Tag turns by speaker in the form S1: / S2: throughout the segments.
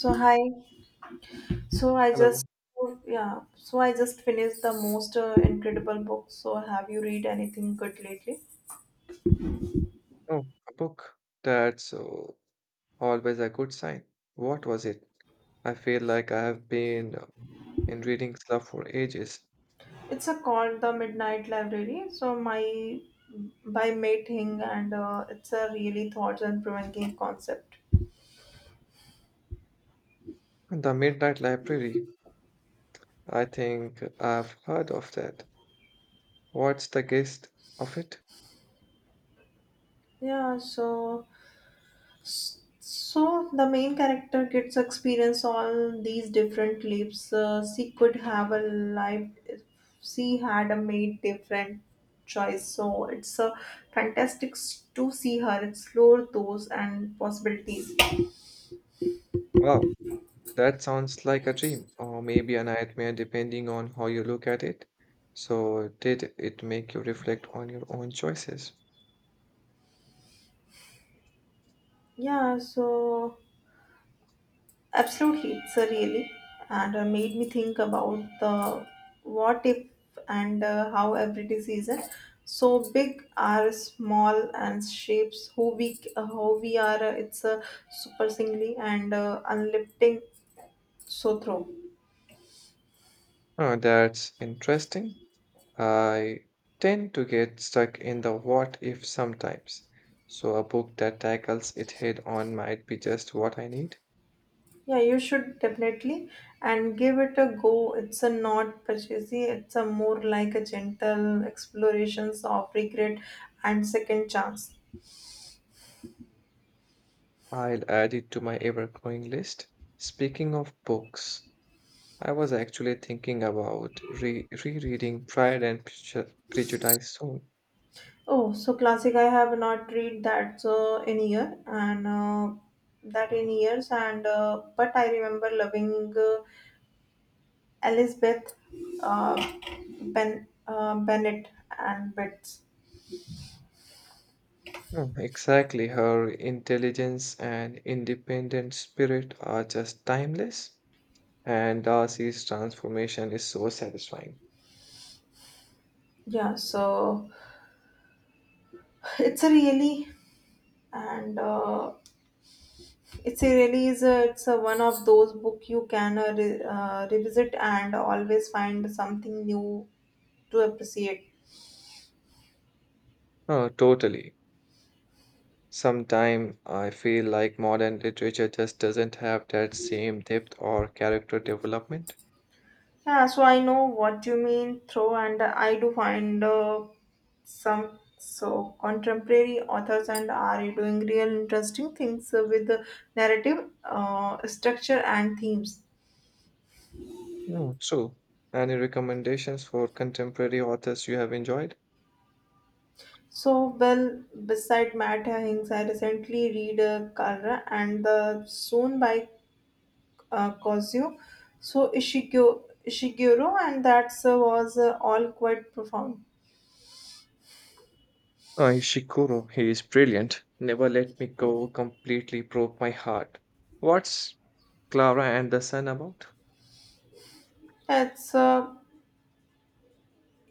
S1: So hi. So I just
S2: Hello.
S1: yeah. So I just finished the most incredible book. So have you read anything good lately?
S2: Oh, a book. That's always a good sign. What was it? I feel like I have been in reading club for ages.
S1: It's a called The Midnight Library. So my by Mate Hing and it's a really thought and provoking concept.
S2: The Midnight Library. I think I've heard of that. What's the gist of it?
S1: Yeah. So the main character gets experience all these different lives. She could have a life if she had a made different choice. So it's a to see her explore those and possibilities.
S2: Wow, that sounds like a dream or maybe a nightmare depending on how you look at it. So, did it make you reflect on your own choices?
S1: Yeah. So absolutely, it's a really and made me think about the what if and how every decision so big are small and shapes who we how we are it's a super singly and unlifting so through.
S2: Oh, that's interesting. I tend to get stuck in the what if sometimes, so a book that tackles it head on might be just what I need.
S1: Yeah, you should definitely and give it a go. It's a not purchasing, it's a more like a gentle explorations of regret and second chance.
S2: I'll add it to my ever growing list. Speaking of books, I was actually thinking about rereading Pride and Prejudice soon.
S1: Oh, so classic. I have not read that so in year and that in years and but I remember loving Elizabeth uh, Ben Bennett and Betts.
S2: Hmm, exactly, her intelligence and independent spirit are just timeless, and Darcy's transformation is so satisfying.
S1: Yeah, so it's a really and uh, it's a really it's a one of those book you can revisit and always find something new to appreciate.
S2: Oh, totally. Sometimes I feel like modern literature just doesn't have that same depth or character development.
S1: Yeah, so I know what you mean, through, and I do find some so contemporary authors and are doing real interesting things with the narrative structure and themes.
S2: Hmm, true. Any recommendations for contemporary authors you have enjoyed?
S1: So well, beside Matt Hings, I recently read Kara and the Soon by Kazuo, so Ishiguro, and that was all quite profound.
S2: Ishikuro, he is brilliant. Never Let Me Go completely broke my heart. What's Clara and the Sun about?
S1: It's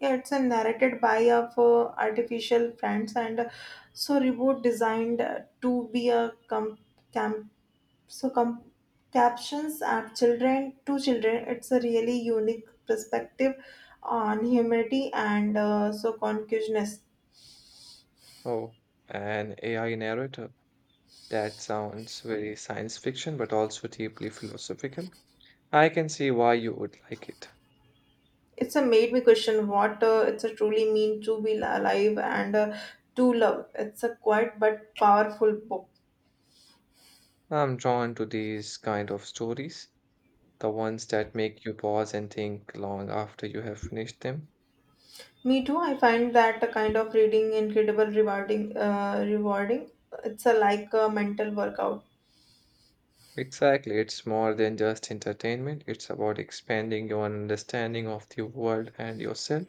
S1: Yeah, it's a narrated by of artificial friends and so reboot designed to be a camp so com- captions at children to children. It's a really unique perspective on humanity and so consciousness.
S2: Oh, an AI narrator. That sounds very science fiction, but also deeply philosophical. I can see why you would like it.
S1: It's a made me question what it's a truly mean to be alive and to love. It's a quiet but powerful book.
S2: I'm drawn to these kind of stories, the ones that make you pause and think long after you have finished them.
S1: Me too. I find that the kind of reading incredible rewarding. Rewarding. It's a like a mental workout.
S2: Exactly, it's more than just entertainment, it's about expanding your understanding of the world and yourself.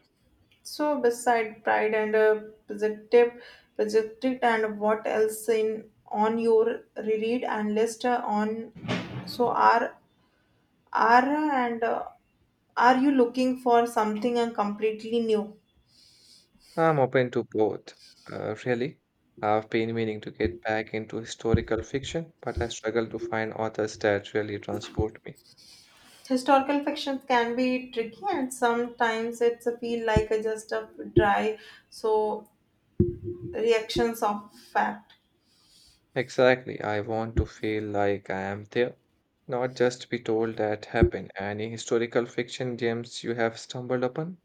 S1: So beside pride and positive, positive, and what else in on your reread and list on? So are are uh, and uh, are you looking for something completely new?
S2: I'm open to both, really. I've been meaning to get back into historical fiction, but I struggle to find authors that really transport me.
S1: Historical fiction can be tricky, and sometimes it's a feel like a just a dry so reactions of fact.
S2: Exactly. I want to feel like I am there, not just be told that happened. Any historical fiction gems you have stumbled upon?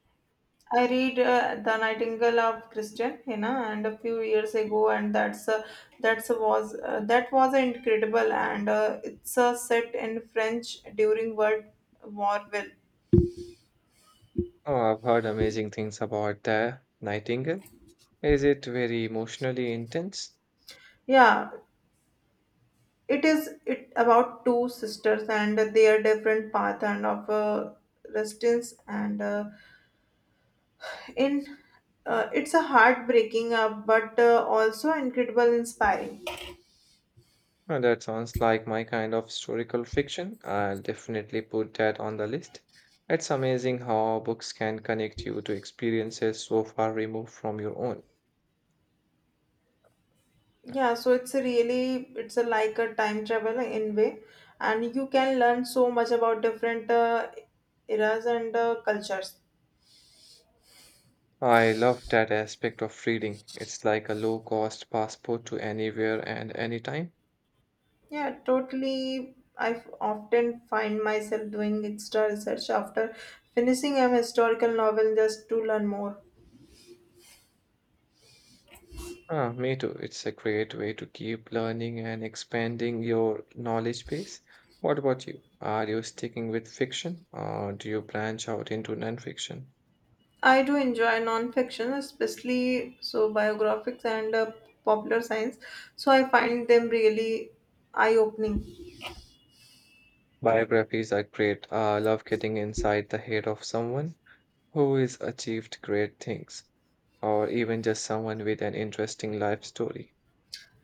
S1: I read The Nightingale of Christian Hena and a few years ago and that was incredible and it's set in French during World War well.
S2: Oh, I've heard amazing things about the Nightingale. Is it very emotionally intense?
S1: Yeah, it is. It about two sisters and their different path and of resistance and in it's a heartbreaking but also incredible inspiring.
S2: Oh, that sounds like my kind of historical fiction. I'll definitely put that on the list. It's amazing how books can connect you to experiences so far removed from your own.
S1: Yeah, so it's a really, it's a like a time travel in way, and you can learn so much about different eras and cultures.
S2: I love that aspect of reading. It's like a low-cost passport to anywhere and anytime.
S1: Yeah, totally. I often find myself doing extra research after finishing a historical novel just to learn more.
S2: Ah, me too. It's a great way to keep learning and expanding your knowledge base. What about you? Are you sticking with fiction or do you branch out into nonfiction?
S1: I do enjoy non-fiction, especially so biographics and popular science. So I find them really eye-opening.
S2: Biographies are great. I love getting inside the head of someone who has achieved great things, or even just someone with an interesting life story.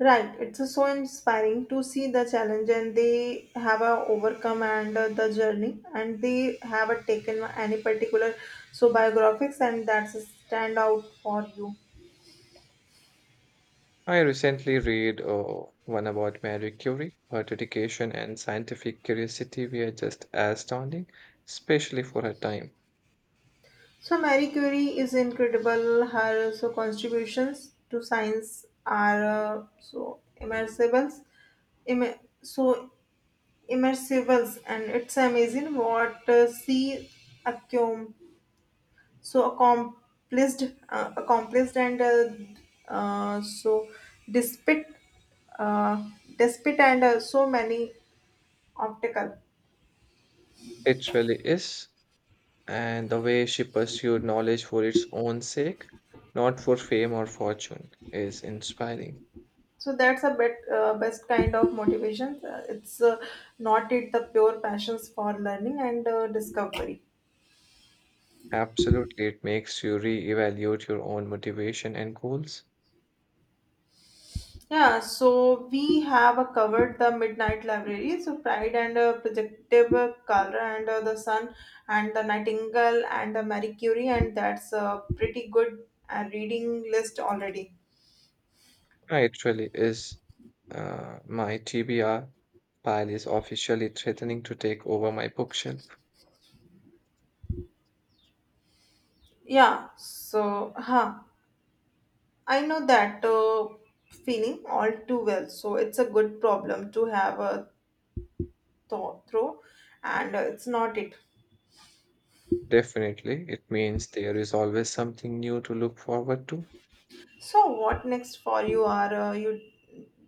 S1: Right, it's so inspiring to see the challenge and they have overcome and the journey and they have taken any particular so biographics and that's a stand out for you.
S2: I recently read one about Marie Curie. Her dedication and scientific curiosity were just astounding, especially for her time.
S1: So Marie Curie is incredible. Her so contributions to science are so immersible, Im- so immersible, and it's amazing what she accomplished. So accomplished and so despite uh, despite and so many obstacle.
S2: It really is. And the way she pursued knowledge for its own sake, not for fame or fortune, is inspiring.
S1: So that's a bit best kind of motivation, it's not it the pure passions for learning and discovery.
S2: Absolutely, it makes you re-evaluate your own motivation and goals.
S1: Yeah, so we have covered the Midnight Library, so Pride and Projective, Color and the Sun and the Nightingale and the Marie Curie, and that's a pretty good reading list already.
S2: Yeah, it really is. My TBR pile is officially threatening to take over my bookshelf.
S1: Yeah, so huh, I know that feeling all too well. So it's a good problem to have a thought through, and it's not it.
S2: Definitely, it means there is always something new to look forward to.
S1: So, what next for you? Are you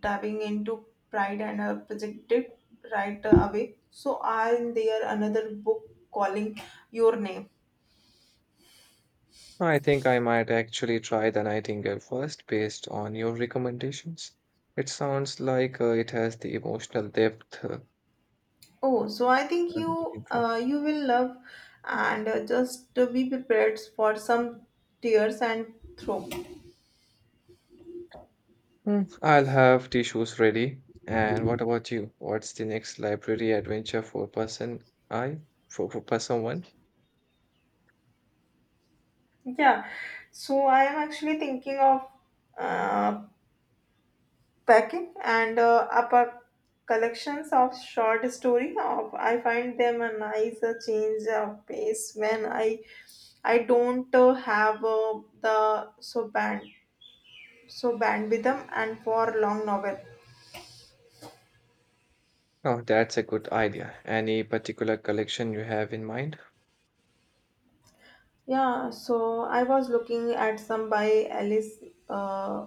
S1: diving into Pride and projected right away? So, are there another book calling your name?
S2: I think I might actually try the Nightingale first based on your recommendations. It sounds like it has the emotional depth
S1: Oh, so I think
S2: I'm looking for.
S1: you will love, and just be prepared for some tears and throw.
S2: Hmm, I'll have tissues ready. And what about you? What's the next library adventure for person I for person one?
S1: Yeah, so I am actually thinking of uh, packing and up a collections of short story of I find them a nice change of pace when i don't have the so band so band with them and for long novel.
S2: Oh, that's a good idea. Any particular collection you have in mind?
S1: Yeah, so I was looking at some by alice uh,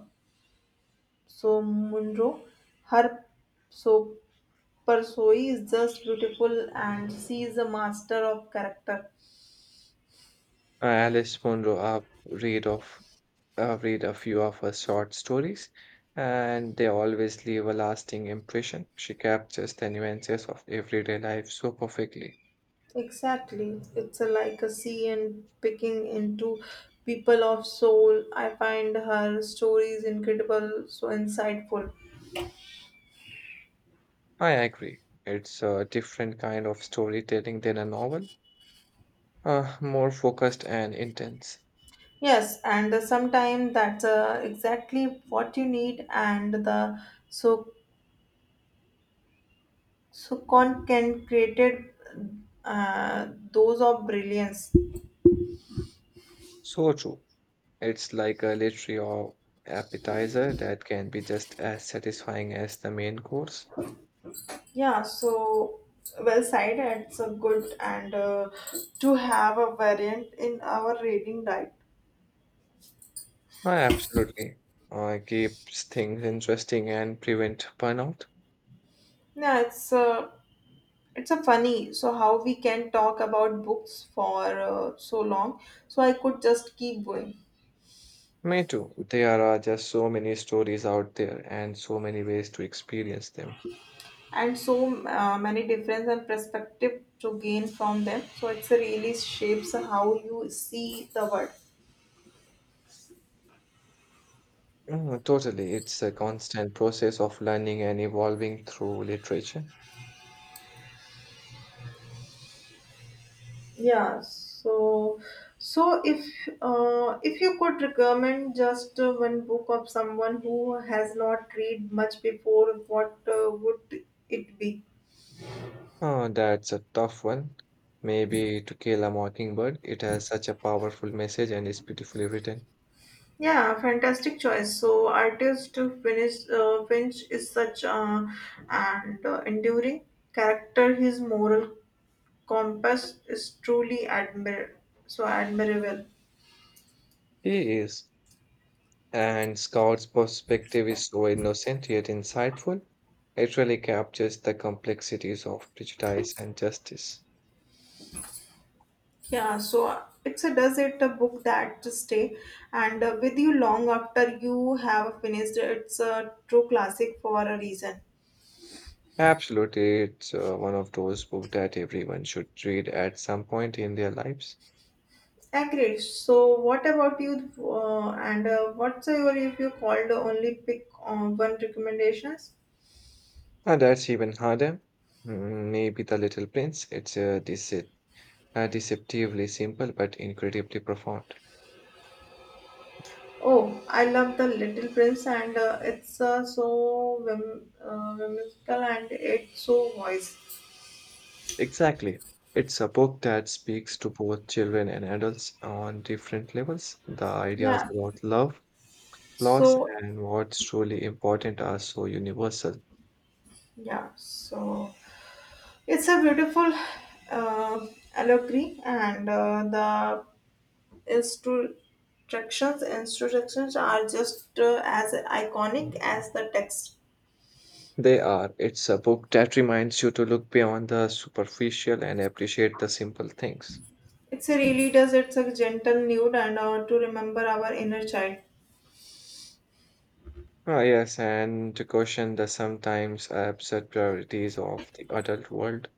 S1: so munro her so persoi is just beautiful and she is a master of character.
S2: Alice Munro, I've read a few of her short stories, and they always leave a lasting impression. She captures the nuances of everyday life so perfectly.
S1: Exactly. It's a, like a sea and picking into people of soul. I find her stories incredible, so insightful.
S2: I agree. It's a different kind of storytelling than a novel, more focused and intense.
S1: Yes, and sometimes that's exactly what you need, and the so so con can created those of brilliance.
S2: So true. It's like a literary or appetizer that can be just as satisfying as the main course.
S1: Yeah, so well said. It's a good and to have a variant in our reading diet.
S2: I absolutely. Keeps things interesting and prevent burnout.
S1: Yeah, it's a funny. So how we can talk about books for so long? So I could just keep going,
S2: Me too. There are just so many stories out there and so many ways to experience them.
S1: and so many difference and perspective to gain from them. So it's a really shapes how you see the world.
S2: Mm, totally. It's a constant process of learning and evolving through literature.
S1: Yeah. So if you could recommend just one book of someone who has not read much before, what would it be?
S2: Oh, that's a tough one. Maybe To Kill a Mockingbird. It has such a powerful message and is beautifully written.
S1: Yeah, fantastic choice. So, artist Finch is such an enduring character. His moral compass is truly admirable.
S2: He is. And Scott's perspective is so innocent yet insightful. It really captures the complexities of prejudice and justice.
S1: Yeah, so it's a does it a book that to stay and with you long after you have finished. It's a true classic for a reason.
S2: Absolutely, it's one of those books that everyone should read at some point in their lives.
S1: Agreed. So, what about you? And What's your if you called only pick one recommendations?
S2: And that's even harder. Mm, maybe The Little Prince. It's deceptively simple but incredibly profound.
S1: Oh, I love The Little Prince, and it's so whimsical and it's so wise.
S2: Exactly. It's a book that speaks to both children and adults on different levels. The ideas
S1: Yeah,
S2: about love, loss,
S1: so
S2: and what's truly important are so universal.
S1: yeah, so it's a beautiful uh, allegory, and the instructions are just as iconic as the text.
S2: They are. It's a book that reminds you to look beyond the superficial and appreciate the simple things.
S1: It really does. It's a gentle nude and to remember our inner child.
S2: Ah, yes, and to question the sometimes absurd priorities of the adult world.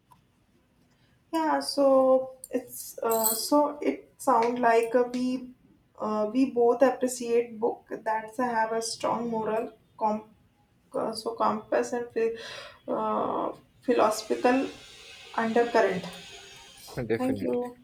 S1: Yeah, so it's so it sound like we both appreciate book that have a strong moral compass and uh, philosophical undercurrent. Thank
S2: Definitely.
S1: you.